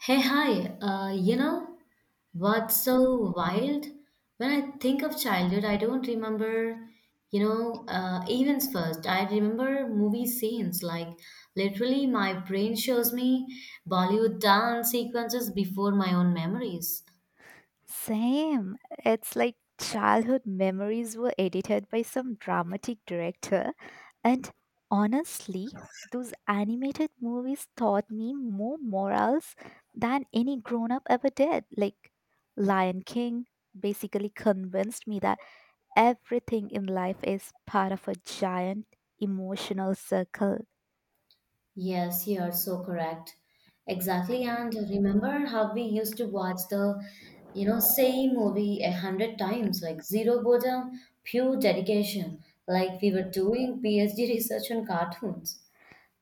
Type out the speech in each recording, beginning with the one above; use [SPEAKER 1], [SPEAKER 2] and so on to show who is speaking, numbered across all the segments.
[SPEAKER 1] Hey, hi. You know what's so wild? When I think of childhood, I don't remember, events first. I remember movie scenes. Like, literally, my brain shows me Bollywood dance sequences before my own memories.
[SPEAKER 2] Same. It's like childhood memories were edited by some dramatic director. And honestly, those animated movies taught me more morals than any grown up ever did. Like Lion King basically convinced me that everything in life is part of a giant emotional circle.
[SPEAKER 1] Yes, you are so correct. Exactly. And remember how we used to watch the same movie a hundred times, like zero boredom, pure dedication, like we were doing PhD research on cartoons.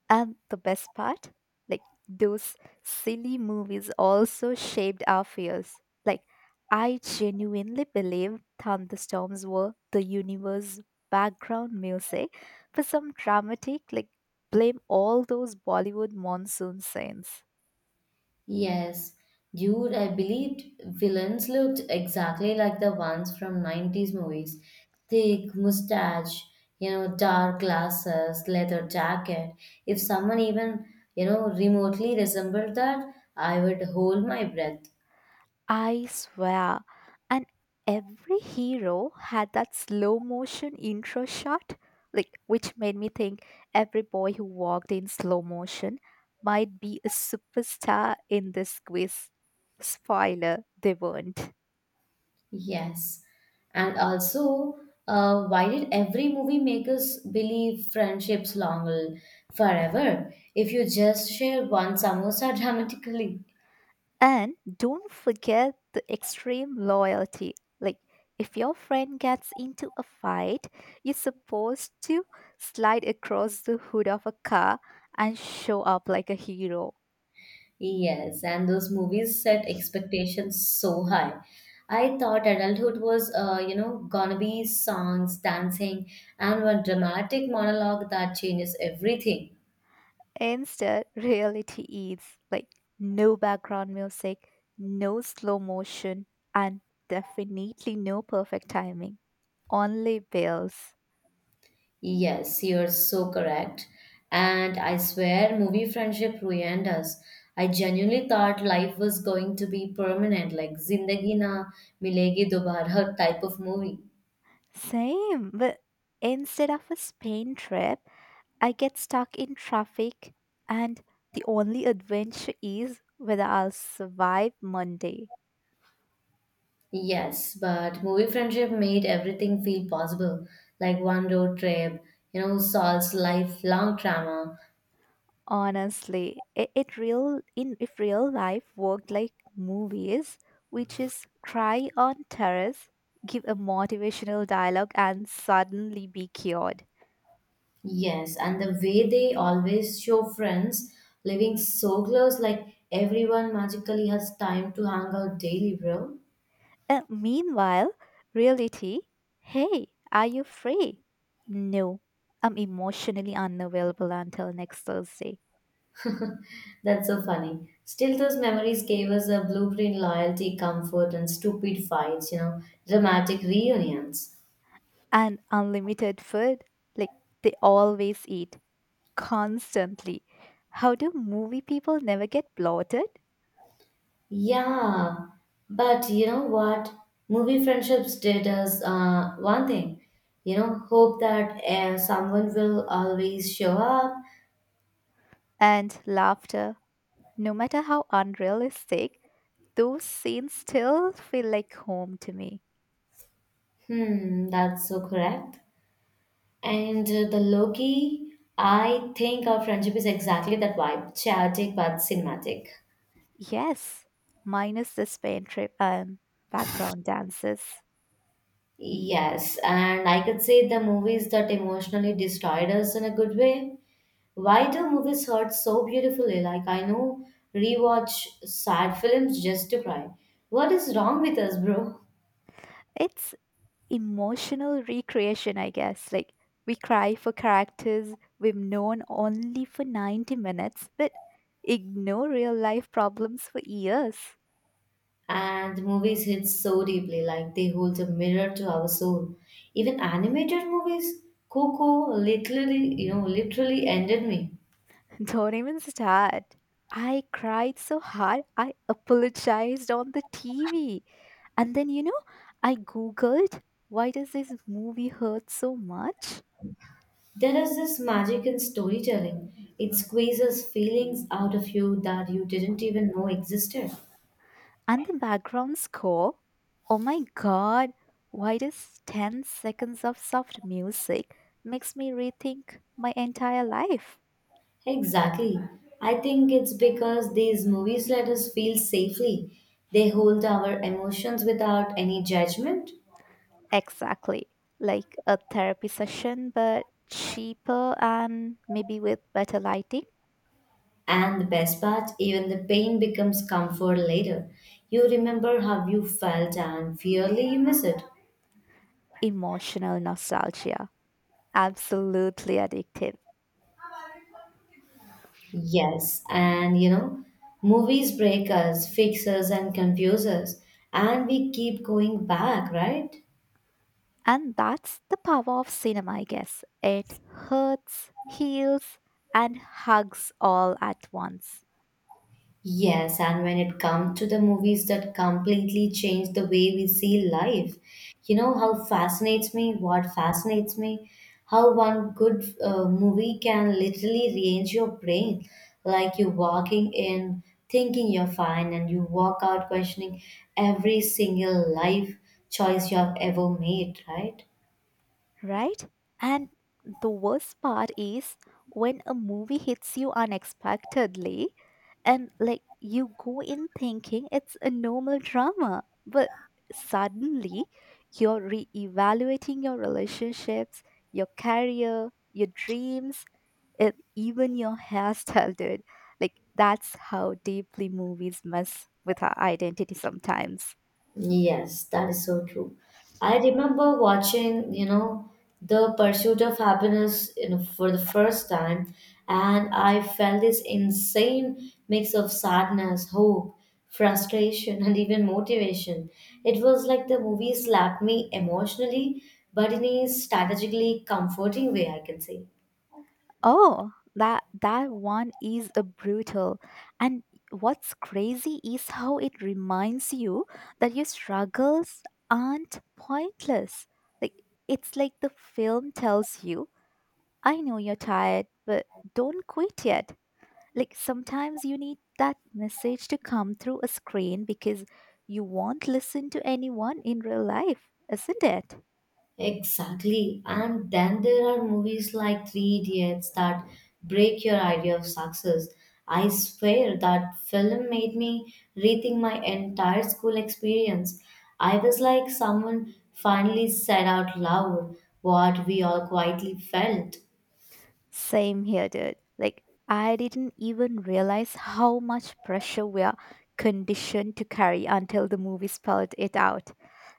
[SPEAKER 2] And the best part, like those silly movies also shaped our fears. Like, I genuinely believe thunderstorms were the universe background music for some dramatic, like, blame all those Bollywood monsoon scenes.
[SPEAKER 1] Yes, dude, I believed villains looked exactly like the ones from 90s movies. Thick mustache, dark glasses, leather jacket. If someone remotely resembled that, I would hold my breath.
[SPEAKER 2] I swear. And every hero had that slow motion intro shot, like which made me think every boy who walked in slow motion might be a superstar in this quiz. Spoiler, they weren't.
[SPEAKER 1] Yes. And also, why did every movie make us believe friendships long forever if you just share one samosa dramatically?
[SPEAKER 2] And don't forget the extreme loyalty. Like, if your friend gets into a fight, you're supposed to slide across the hood of a car and show up like a hero.
[SPEAKER 1] Yes, and those movies set expectations so high. I thought adulthood was, gonna be songs, dancing, and one dramatic monologue that changes everything.
[SPEAKER 2] Instead, reality is like no background music, no slow motion, and definitely no perfect timing. Only bills.
[SPEAKER 1] Yes, you're so correct. And I swear, movie friendship ruined us. I genuinely thought life was going to be permanent, like Zindagi Na Milegi Dobara type of movie.
[SPEAKER 2] Same, but instead of a Spain trip, I get stuck in traffic, and the only adventure is whether I'll survive Monday.
[SPEAKER 1] Yes, but movie friendship made everything feel possible, like one road trip, Saul's lifelong trauma.
[SPEAKER 2] Honestly, it real in if real life worked like movies, which is cry on terrace, give a motivational dialogue, and suddenly be cured.
[SPEAKER 1] Yes, and the way they always show friends living so close, like everyone magically has time to hang out daily, bro.
[SPEAKER 2] Meanwhile, reality, hey, are you free? No, I'm emotionally unavailable until next Thursday.
[SPEAKER 1] That's so funny. Still, those memories gave us a blueprint loyalty, comfort, and stupid fights, dramatic reunions.
[SPEAKER 2] And unlimited food, like they always eat constantly. How do movie people never get bloated?
[SPEAKER 1] Yeah, but you know what? Movie friendships did us one thing. You know, hope that someone will always show up.
[SPEAKER 2] And laughter. No matter how unrealistic, those scenes still feel like home to me.
[SPEAKER 1] Hmm, that's so correct. And the Loki, I think our friendship is exactly that vibe, chaotic but cinematic.
[SPEAKER 2] Yes, minus the Spain trip and background dances.
[SPEAKER 1] Yes, and I could say the movies that emotionally destroyed us in a good way. Why do movies hurt so beautifully? Like I know rewatch sad films just to cry. What is wrong with us, bro?
[SPEAKER 2] It's emotional recreation, I guess. Like, we cry for characters we've known only for 90 minutes, but ignore real life problems for years.
[SPEAKER 1] And movies hit so deeply, like they hold a mirror to our soul. Even animated movies, Coco literally ended me.
[SPEAKER 2] Don't even start. I cried so hard, I apologized on the TV. And then, you know, I googled why does this movie hurt so much?
[SPEAKER 1] There is this magic in storytelling. It squeezes feelings out of you that you didn't even know existed.
[SPEAKER 2] And the background score, oh my god, why does 10 seconds of soft music makes me rethink my entire life?
[SPEAKER 1] Exactly. I think it's because these movies let us feel safely. They hold our emotions without any judgment.
[SPEAKER 2] Exactly. Like a therapy session, but cheaper and maybe with better lighting.
[SPEAKER 1] And the best part, even the pain becomes comfort later. You remember how you felt and fearly you miss it.
[SPEAKER 2] Emotional nostalgia. Absolutely addictive.
[SPEAKER 1] Yes, and you know, movies break us, fix us, and confuse us. And we keep going back, right?
[SPEAKER 2] And that's the power of cinema, I guess. It hurts, heals, and hugs all at once,
[SPEAKER 1] Yes, and when it comes to the movies that completely change the way we see life, what fascinates me, how one good movie can literally rearrange your brain. Like you walking in, thinking you're fine, and you walk out questioning every single life choice you have ever made, right?
[SPEAKER 2] right? And the worst part is when a movie hits you unexpectedly and like you go in thinking it's a normal drama, but suddenly you're re-evaluating your relationships, your career, your dreams, it, even your hairstyle, dude. Like, that's how deeply movies mess with our identity sometimes.
[SPEAKER 1] Yes, that is so true. I remember watching The Pursuit of Happiness, for the first time, and I felt this insane mix of sadness, hope, frustration, and even motivation. It was like the movie slapped me emotionally, but in a strategically comforting way, I can say.
[SPEAKER 2] Oh, that one is a brutal. And what's crazy is how it reminds you that your struggles aren't pointless. Like it's like the film tells you, I know you're tired, but don't quit yet. Like sometimes you need that message to come through a screen because you won't listen to anyone in real life, isn't it?
[SPEAKER 1] Exactly. And then there are movies like Three Idiots that break your idea of success. I swear that film made me rethink my entire school experience. I was like someone finally said out loud what we all quietly felt.
[SPEAKER 2] Same here, dude. Like I didn't even realize how much pressure we are conditioned to carry until the movie spelled it out.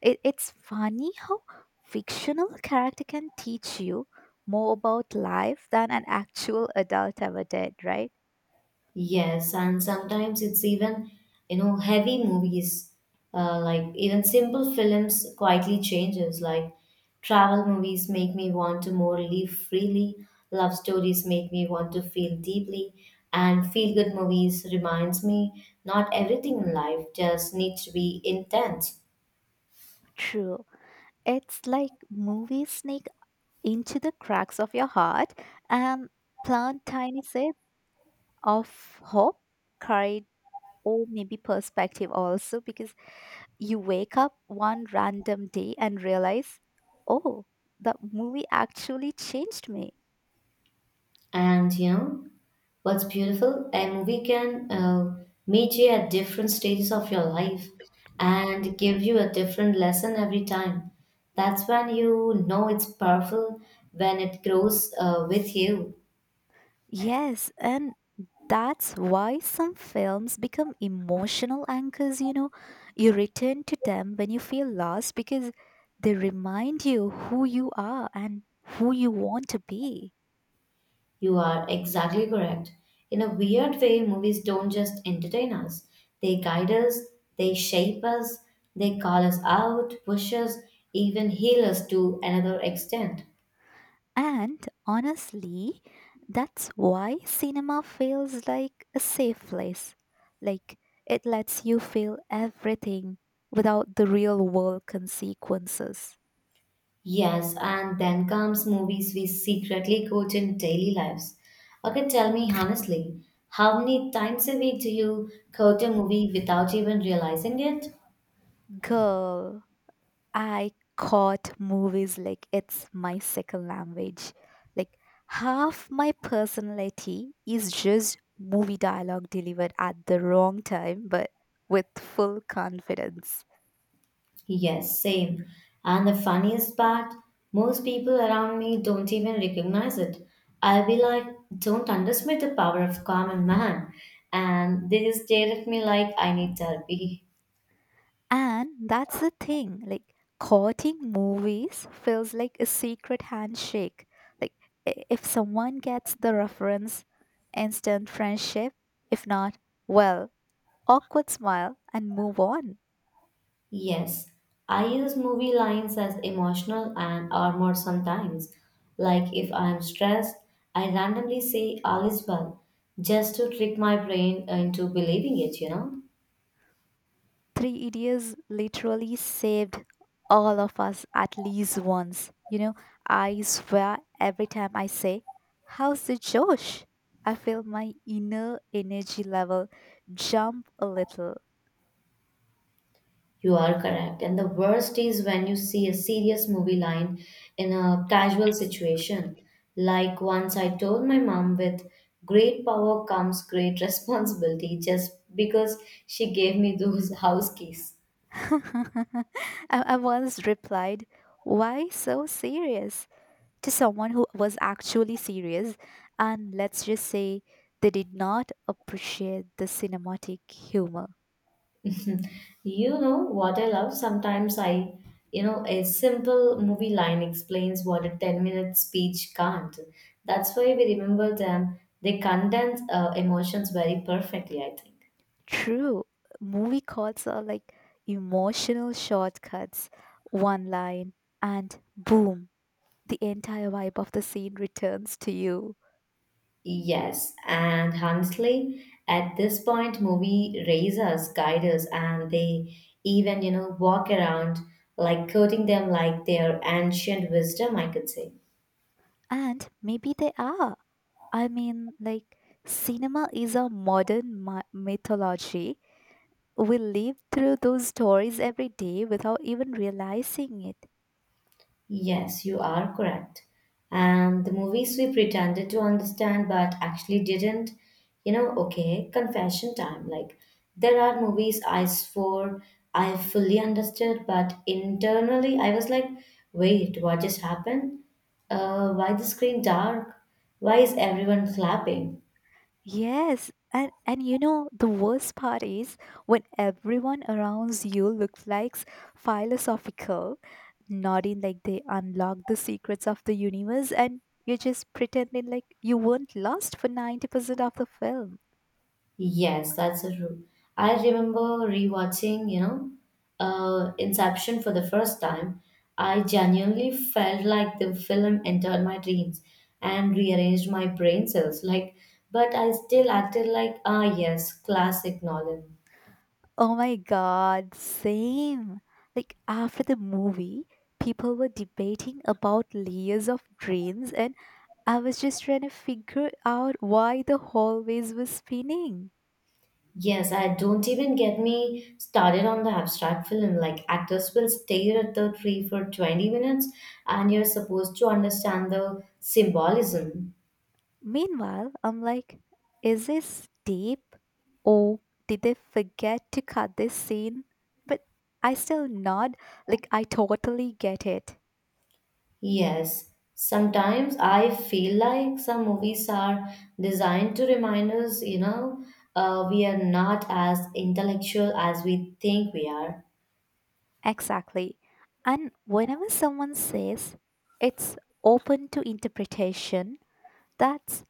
[SPEAKER 2] It's funny how fictional character can teach you more about life than an actual adult ever did, right?
[SPEAKER 1] Yes, and sometimes it's even heavy movies, like even simple films quietly changes. Like travel movies make me want to more live freely, love stories make me want to feel deeply, and feel good movies reminds me not everything in life just needs to be intense.
[SPEAKER 2] True. It's like movies sneak into the cracks of your heart and plant tiny seeds of hope, courage, or maybe perspective also because you wake up one random day and realize, oh, the movie actually changed me.
[SPEAKER 1] And you know, what's beautiful, a movie can meet you at different stages of your life and give you a different lesson every time. That's when you know it's powerful, when it grows with you.
[SPEAKER 2] Yes, and that's why some films become emotional anchors, you know. You return to them when you feel lost because they remind you who you are and who you want to be.
[SPEAKER 1] You are exactly correct. In a weird way, movies don't just entertain us, they guide us, they shape us, they call us out, push us, even heal us to another extent.
[SPEAKER 2] And honestly, that's why cinema feels like a safe place. Like it lets you feel everything without the real world consequences.
[SPEAKER 1] Yes, and then comes movies we secretly quote in daily lives. Okay, tell me honestly, how many times a week do you quote a movie without even realizing it?
[SPEAKER 2] Girl, I caught movies like it's my second language. Like half my personality is just movie dialogue delivered at the wrong time but with full confidence.
[SPEAKER 1] Yes, same. And the funniest part, most people around me don't even recognize it. I'll be like, don't underestimate the power of common man. And they just stare at me like I need therapy.
[SPEAKER 2] And that's the thing, like courting movies feels like a secret handshake. Like if someone gets the reference, instant friendship. If not, well, awkward smile and move on.
[SPEAKER 1] Yes, I use movie lines as emotional and armor sometimes. Like if I am stressed, I randomly say all is well just to trick my brain into believing it, you know?
[SPEAKER 2] Three Idiots literally saved all of us at least once. You know, I swear every time I say, how's the Josh? I feel my inner energy level jump a little.
[SPEAKER 1] You are correct. And the worst is when you see a serious movie line in a casual situation. Like once I told my mom with great power comes great responsibility just because she gave me those house keys.
[SPEAKER 2] I, I once replied, why so serious? To someone who was actually serious, and let's just say they did not appreciate the cinematic humor.
[SPEAKER 1] You know what I love? Sometimes a simple movie line explains what a 10-minute speech can't. That's why we remember them. They condense emotions very perfectly, I think.
[SPEAKER 2] True, movie calls are like emotional shortcuts, one line, and boom, the entire vibe of the scene returns to you.
[SPEAKER 1] Yes, and honestly, at this point, movie raise us, guide us, and they even walk around like quoting them like their ancient wisdom, I could say.
[SPEAKER 2] And maybe they are. I mean, like, cinema is a modern mythology. We live through those stories every day without even realizing it.
[SPEAKER 1] Yes, you are correct. And the movies we pretended to understand but actually didn't. Okay, confession time. Like, there are movies I swore I fully understood, but internally I was like, wait, what just happened? Why the screen dark? Why is everyone clapping?
[SPEAKER 2] Yes, and you know the worst part is when everyone around you looks like philosophical, nodding like they unlocked the secrets of the universe, and you're just pretending like you weren't lost for 90% of the film.
[SPEAKER 1] Yes, that's a true. I remember rewatching Inception for the first time. I genuinely felt like the film entered my dreams and rearranged my brain cells. Like, but I still acted like, ah, yes, classic Nolan.
[SPEAKER 2] Oh my god, same. Like after the movie, people were debating about layers of drains and I was just trying to figure out why the hallways were spinning.
[SPEAKER 1] Yes, I don't even get me started on the abstract film. Like actors will stare at the tree for 20 minutes and you're supposed to understand the symbolism.
[SPEAKER 2] Meanwhile, I'm like, is this deep? Or did they forget to cut this scene? But I still nod, like, I totally get it.
[SPEAKER 1] Yes, sometimes I feel like some movies are designed to remind us, we are not as intellectual as we think we are.
[SPEAKER 2] Exactly. And whenever someone says it's open to interpretation, that's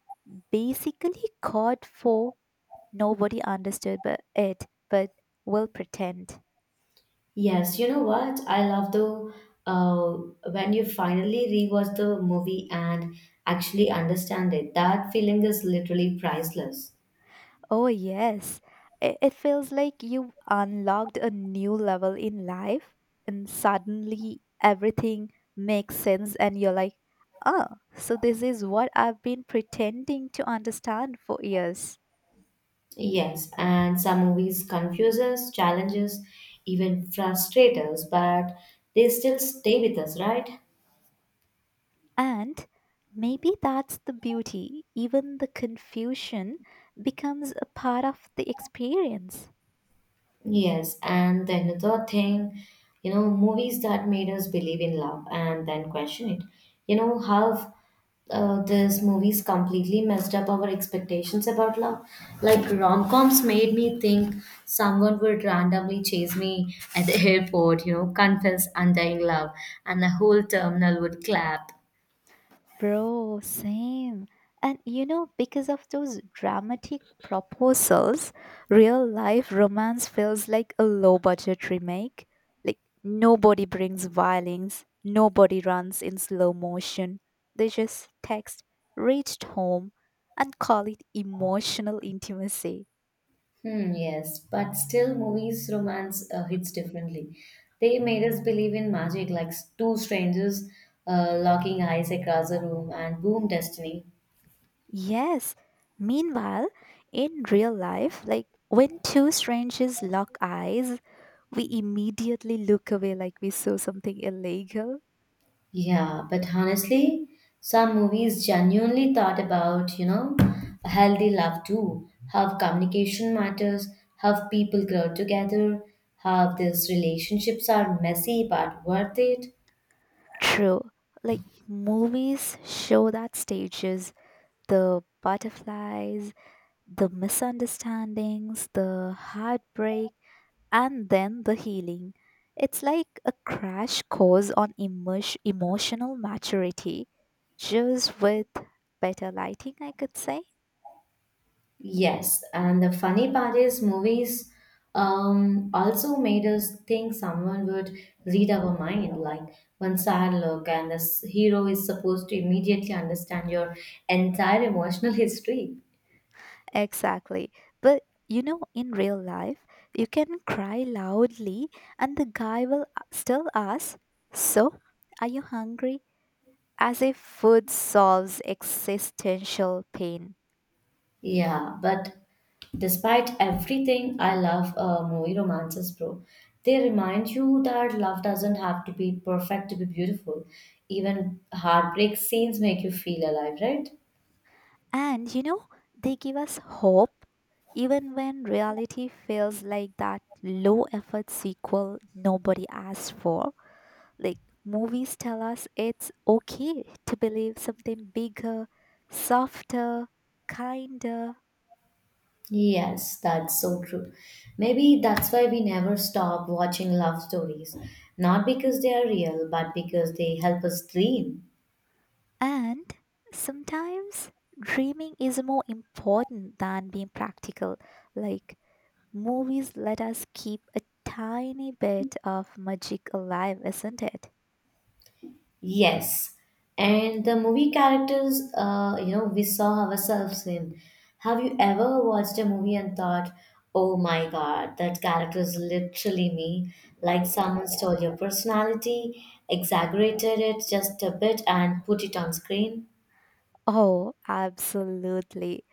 [SPEAKER 2] basically code for nobody understood but it but will pretend.
[SPEAKER 1] Yes, you know what? I love the uh, when you finally rewatch the movie and actually understand it. That feeling is literally priceless.
[SPEAKER 2] Oh yes. It feels like you unlocked a new level in life and suddenly everything makes sense and you're like, oh, so this is what I've been pretending to understand for years.
[SPEAKER 1] Yes, and some movies confuse us, challenge us, even frustrate us, but they still stay with us, right?
[SPEAKER 2] And maybe that's the beauty, even the confusion becomes a part of the experience.
[SPEAKER 1] Yes, and then another thing, you know, movies that made us believe in love and then question it. You know, how these movies completely messed up our expectations about love. Like rom-coms made me think someone would randomly chase me at the airport, confess undying love, and the whole terminal would clap.
[SPEAKER 2] Bro, same. And you know, because of those dramatic proposals, real life romance feels like a low budget remake. Like, nobody brings violins, nobody runs in slow motion. They just text, reached home, and call it emotional intimacy.
[SPEAKER 1] Hmm, yes, but still, movies romance hits differently. They made us believe in magic, like two strangers locking eyes across a room and boom, destiny.
[SPEAKER 2] Yes. Meanwhile, in real life, like when two strangers lock eyes, we immediately look away like we saw something illegal.
[SPEAKER 1] Yeah, but honestly, some movies genuinely thought about a healthy love too. How communication matters, how people grow together, how these relationships are messy but worth it.
[SPEAKER 2] True. Like movies show that stages, the butterflies, the misunderstandings, the heartbreak, and then the healing. It's like a crash course on emotional maturity, just with better lighting, I could say.
[SPEAKER 1] Yes, and the funny part is movies also made us think someone would read our mind. Like one sad look, and this hero is supposed to immediately understand your entire emotional history.
[SPEAKER 2] Exactly. But you know, in real life, you can cry loudly and the guy will still ask, so, are you hungry? As if food solves existential pain.
[SPEAKER 1] Yeah, but despite everything, I love movie romances, bro. They remind you that love doesn't have to be perfect to be beautiful. Even heartbreak scenes make you feel alive, right?
[SPEAKER 2] And you know, they give us hope even when reality feels like that low effort sequel nobody asked for. Like, movies tell us it's okay to believe something bigger, softer, kinder.
[SPEAKER 1] Yes, that's so true. Maybe that's why we never stop watching love stories. Not because they are real, but because they help us dream.
[SPEAKER 2] And sometimes dreaming is more important than being practical. Like movies let us keep a tiny bit of magic alive, isn't it?
[SPEAKER 1] Yes. And the movie characters, we saw ourselves in. Have you ever watched a movie and thought, oh my god, that character is literally me? Like someone stole your personality, exaggerated it just a bit, and put it on screen?
[SPEAKER 2] Oh, absolutely.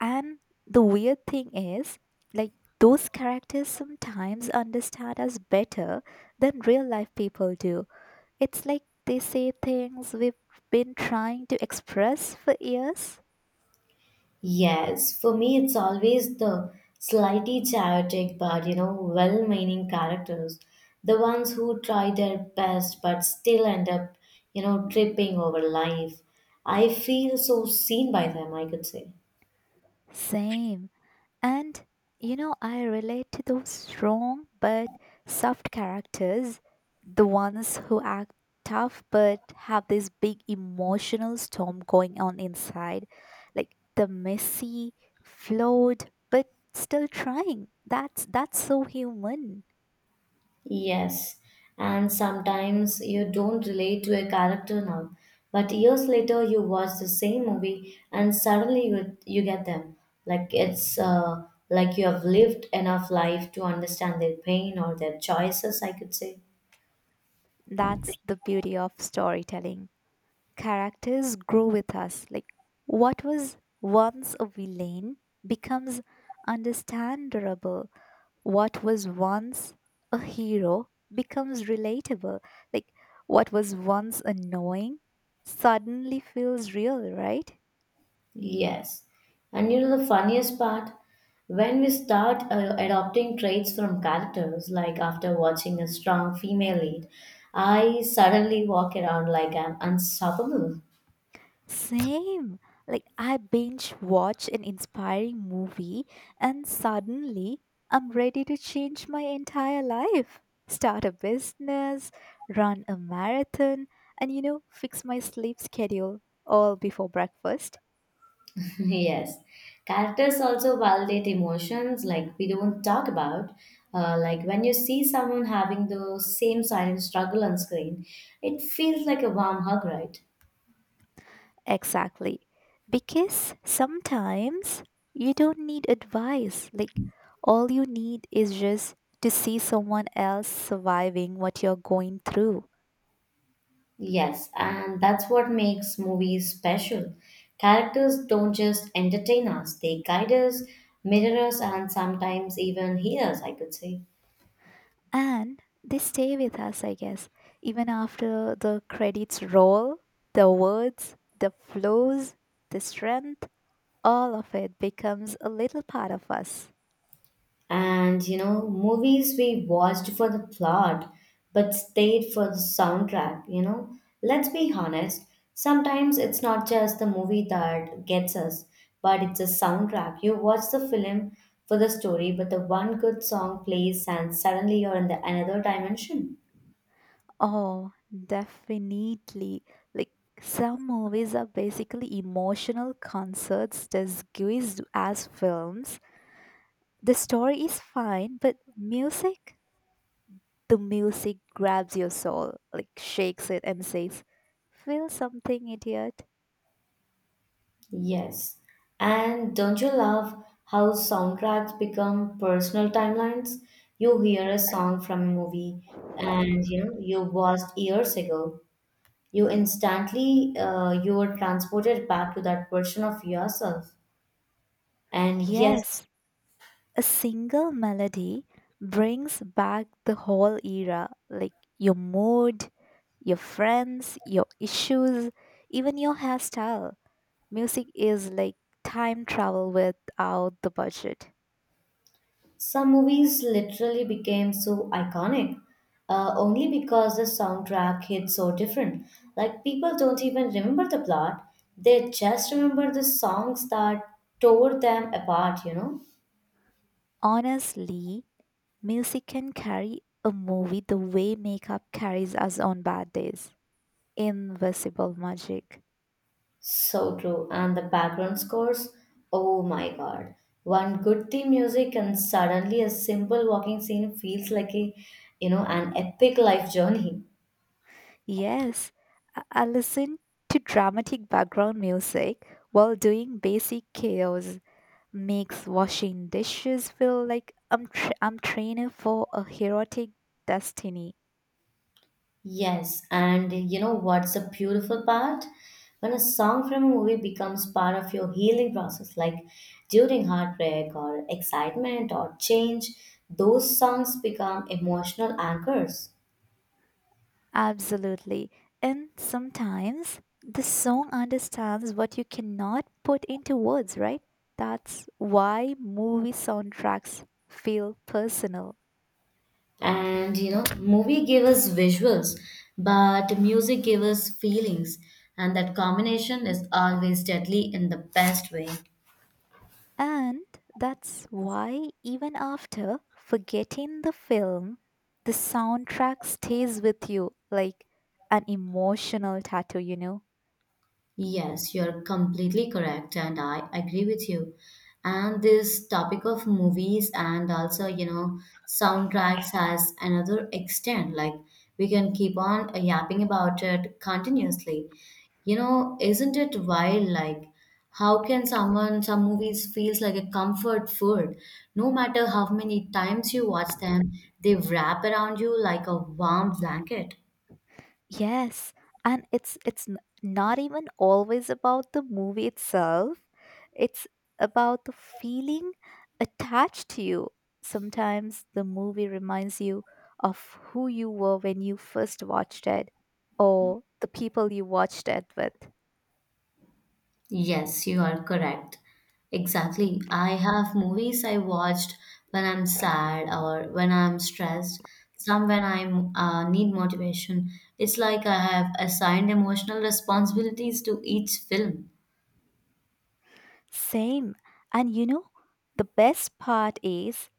[SPEAKER 2] And the weird thing is, like, those characters sometimes understand us better than real life people do. It's like they say things we've been trying to express for years.
[SPEAKER 1] Yes, for me, it's always the slightly chaotic but you know well meaning characters, the ones who try their best but still end up you know tripping over life. I feel so seen by them, I could say.
[SPEAKER 2] Same. And you know, I relate to those strong but soft characters, the ones who act tough but have this big emotional storm going on inside, like the messy, flawed, but still trying. That's so human.
[SPEAKER 1] Yes, and sometimes you don't relate to a character now, but years later you watch the same movie and suddenly you get them. Like it's like you have lived enough life to understand their pain or their choices, I could say.
[SPEAKER 2] That's the beauty of storytelling. Characters grow with us. Like what was once a villain becomes understandable, what was once a hero becomes relatable. Like what was once annoying suddenly feels real, right?
[SPEAKER 1] Yes. And you know the funniest part? When we start adopting traits from characters, like after watching a strong female lead, I suddenly walk around like I'm unstoppable.
[SPEAKER 2] Same. Like I binge watch an inspiring movie and suddenly I'm ready to change my entire life. Start a business, run a marathon, and you know, fix my sleep schedule all before breakfast.
[SPEAKER 1] Yes, characters also validate emotions like we don't talk about. Like when you see someone having the same silent struggle on screen, it feels like a warm hug, right?
[SPEAKER 2] Exactly. Because sometimes you don't need advice. Like, all you need is just to see someone else surviving what you're going through.
[SPEAKER 1] Yes, and that's what makes movies special. Characters don't just entertain us, they guide us, mirror us, and sometimes even heal us, I could say.
[SPEAKER 2] And they stay with us, I guess. Even after the credits roll, the words, the flows, the strength, all of it becomes a little part of us.
[SPEAKER 1] And you know, movies we watched for the plot but stayed for the soundtrack, you know. Let's be honest, sometimes it's not just the movie that gets us, but it's a soundtrack. You watch the film for the story, but the one good song plays and suddenly you're in the another dimension.
[SPEAKER 2] Oh, definitely. Like some movies are basically emotional concerts disguised as films. The story is fine, but music, the music grabs your soul, like shakes it and says, feel something, idiot.
[SPEAKER 1] Yes. And don't you love how soundtracks become personal timelines? You hear a song from a movie and you know you watched years ago you instantly you are transported back to that version of yourself and yes,
[SPEAKER 2] Yes, a single melody brings back the whole era, like your mood, your friends, your issues, even your hairstyle. Music is like time travel without the budget.
[SPEAKER 1] some movies literally became so iconic only because the soundtrack hit so different, like people don't even remember the plot, they just remember the songs that tore them apart, you know.
[SPEAKER 2] Honestly, music can carry a movie the way makeup carries us on bad days. Invisible magic.
[SPEAKER 1] So true. And the background scores, oh my god. One good theme music and suddenly a simple walking scene feels like a, you know, an epic life journey.
[SPEAKER 2] Yes, I listen to dramatic background music while doing basic chaos. Makes washing dishes feel like I'm training for a heroic destiny.
[SPEAKER 1] Yes, and you know what's the beautiful part? When a song from a movie becomes part of your healing process, like during heartbreak or excitement or change, those songs become emotional anchors.
[SPEAKER 2] Absolutely. And sometimes the song understands what you cannot put into words, right? That's why movie soundtracks feel personal.
[SPEAKER 1] And you know, movie gave us visuals but music gave us feelings, and that combination is always deadly in the best way.
[SPEAKER 2] And that's why, even after forgetting the film, the soundtrack stays with you like an emotional tattoo, you know?
[SPEAKER 1] Yes, you're completely correct, and I agree with you. And this topic of movies and also, you know, soundtracks has another extent. Like, we can keep on yapping about it continuously. You know, isn't it wild? Like how can someone some movies feels like a comfort food? No matter how many times you watch them, they wrap around you like a warm blanket.
[SPEAKER 2] Yes, and not even always about the movie itself. It's about the feeling attached to you. Sometimes the movie reminds you of who you were when you first watched it or the people you watched it with.
[SPEAKER 1] Yes, you are correct. Exactly. I have movies I watched when I'm sad or when I'm stressed, some when I need motivation. It's like I have assigned emotional responsibilities to each film.
[SPEAKER 2] Same. And you know, the best part is,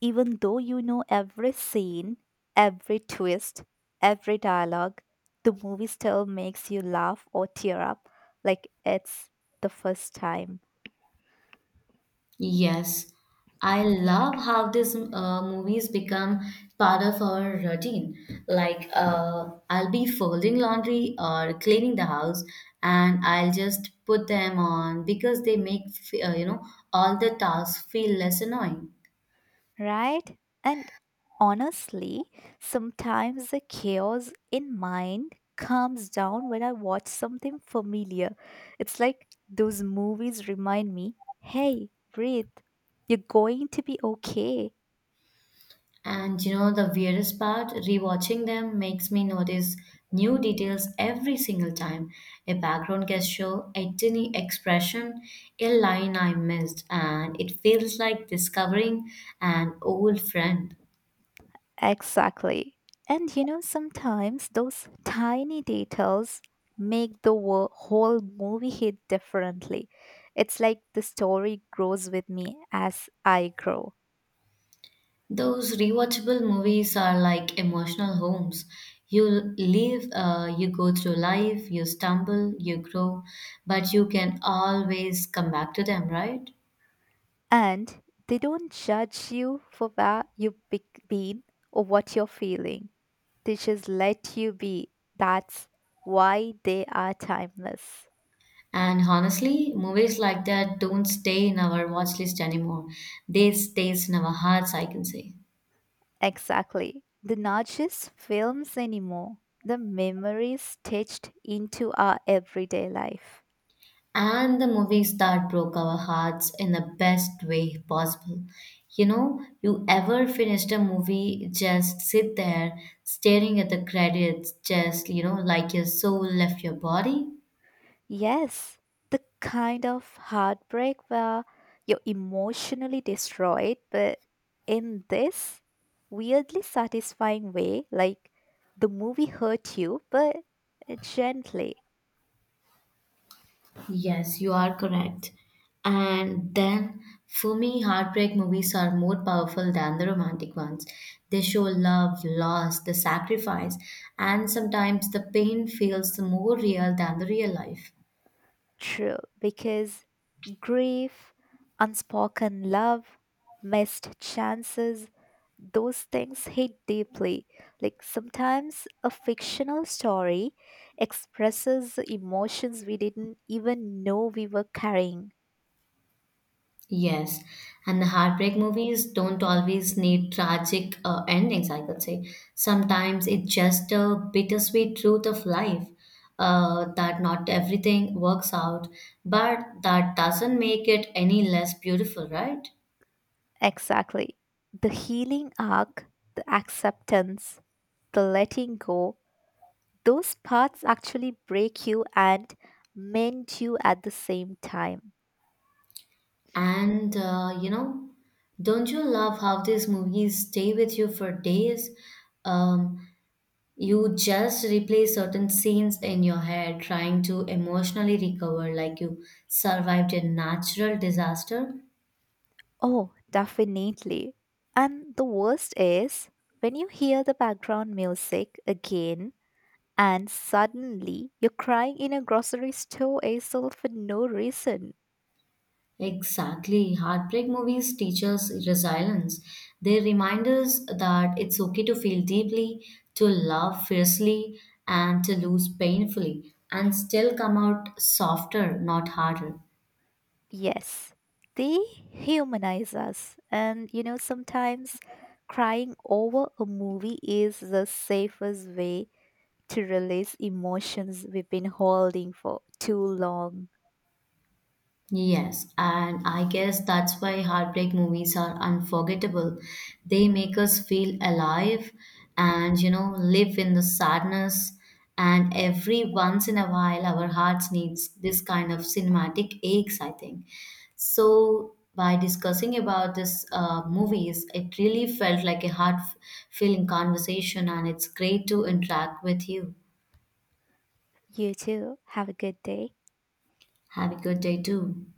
[SPEAKER 2] even though you know every scene, every twist, every dialogue, the movie still makes you laugh or tear up like it's the first time,
[SPEAKER 1] Yes, I love how these movies become part of our routine. Like, I'll be folding laundry or cleaning the house, and I'll just put them on because they make, you know, all the tasks feel less annoying.
[SPEAKER 2] right? And honestly, sometimes the chaos in mind calms down when I watch something familiar. It's like those movies remind me, hey, breathe, you're going to be okay.
[SPEAKER 1] And you know, the weirdest part, rewatching them makes me notice new details every single time. A background gesture, a tiny expression, a line I missed, and it feels like discovering an old friend.
[SPEAKER 2] Exactly. And you know, sometimes those tiny details make the whole movie hit differently. It's like the story grows with me as I grow.
[SPEAKER 1] Those rewatchable movies are like emotional homes. You live, you go through life, you stumble, you grow, but you can always come back to them, right?
[SPEAKER 2] And they don't judge you for where been or what you're feeling. They just let you be. That's why they are timeless.
[SPEAKER 1] And honestly, movies like that don't stay in our watch list anymore. They stays in our hearts, I can say.
[SPEAKER 2] Exactly. They're not just films anymore, the memories stitched into our everyday life.
[SPEAKER 1] And the movies that broke our hearts in the best way possible. You know, you ever finished a movie, just sit there staring at the credits, just, you know, like your soul left your body?
[SPEAKER 2] Yes, the kind of heartbreak where you're emotionally destroyed, but in this weirdly satisfying way, like the movie hurt you, but gently.
[SPEAKER 1] Yes, you are correct. And then, for me, heartbreak movies are more powerful than the romantic ones. They show love, loss, the sacrifice, and sometimes the pain feels more real than the real life.
[SPEAKER 2] True, because grief, unspoken love, missed chances, those things hit deeply. Like sometimes a fictional story expresses emotions we didn't even know we were carrying.
[SPEAKER 1] Yes, and the heartbreak movies don't always need tragic endings, I could say. Sometimes it's just a bittersweet truth of life, that not everything works out, but that doesn't make it any less beautiful, right?
[SPEAKER 2] Exactly. The healing arc, the acceptance, the letting go, those parts actually break you and mend you at the same time.
[SPEAKER 1] And you know, don't you love how these movies stay with you for days? Um, You just replay certain scenes in your head, trying to emotionally recover like you survived a natural disaster.
[SPEAKER 2] Oh, definitely. And the worst is when you hear the background music again and suddenly you're crying in a grocery store aisle for no reason.
[SPEAKER 1] Exactly. Heartbreak movies teach us resilience. They remind us that it's okay to feel deeply, to love fiercely, and to lose painfully, and still come out softer, not harder.
[SPEAKER 2] Yes, they humanize us. And you know, sometimes crying over a movie is the safest way to release emotions we've been holding for too long.
[SPEAKER 1] Yes, and I guess that's why heartbreak movies are unforgettable. They make us feel alive and, you know, live in the sadness. And every once in a while, our hearts needs this kind of cinematic aches, I think. So by discussing about this movies, it really felt like a heart-filling conversation, and it's great to interact with you.
[SPEAKER 2] You too. Have a good day.
[SPEAKER 1] Have a good day too.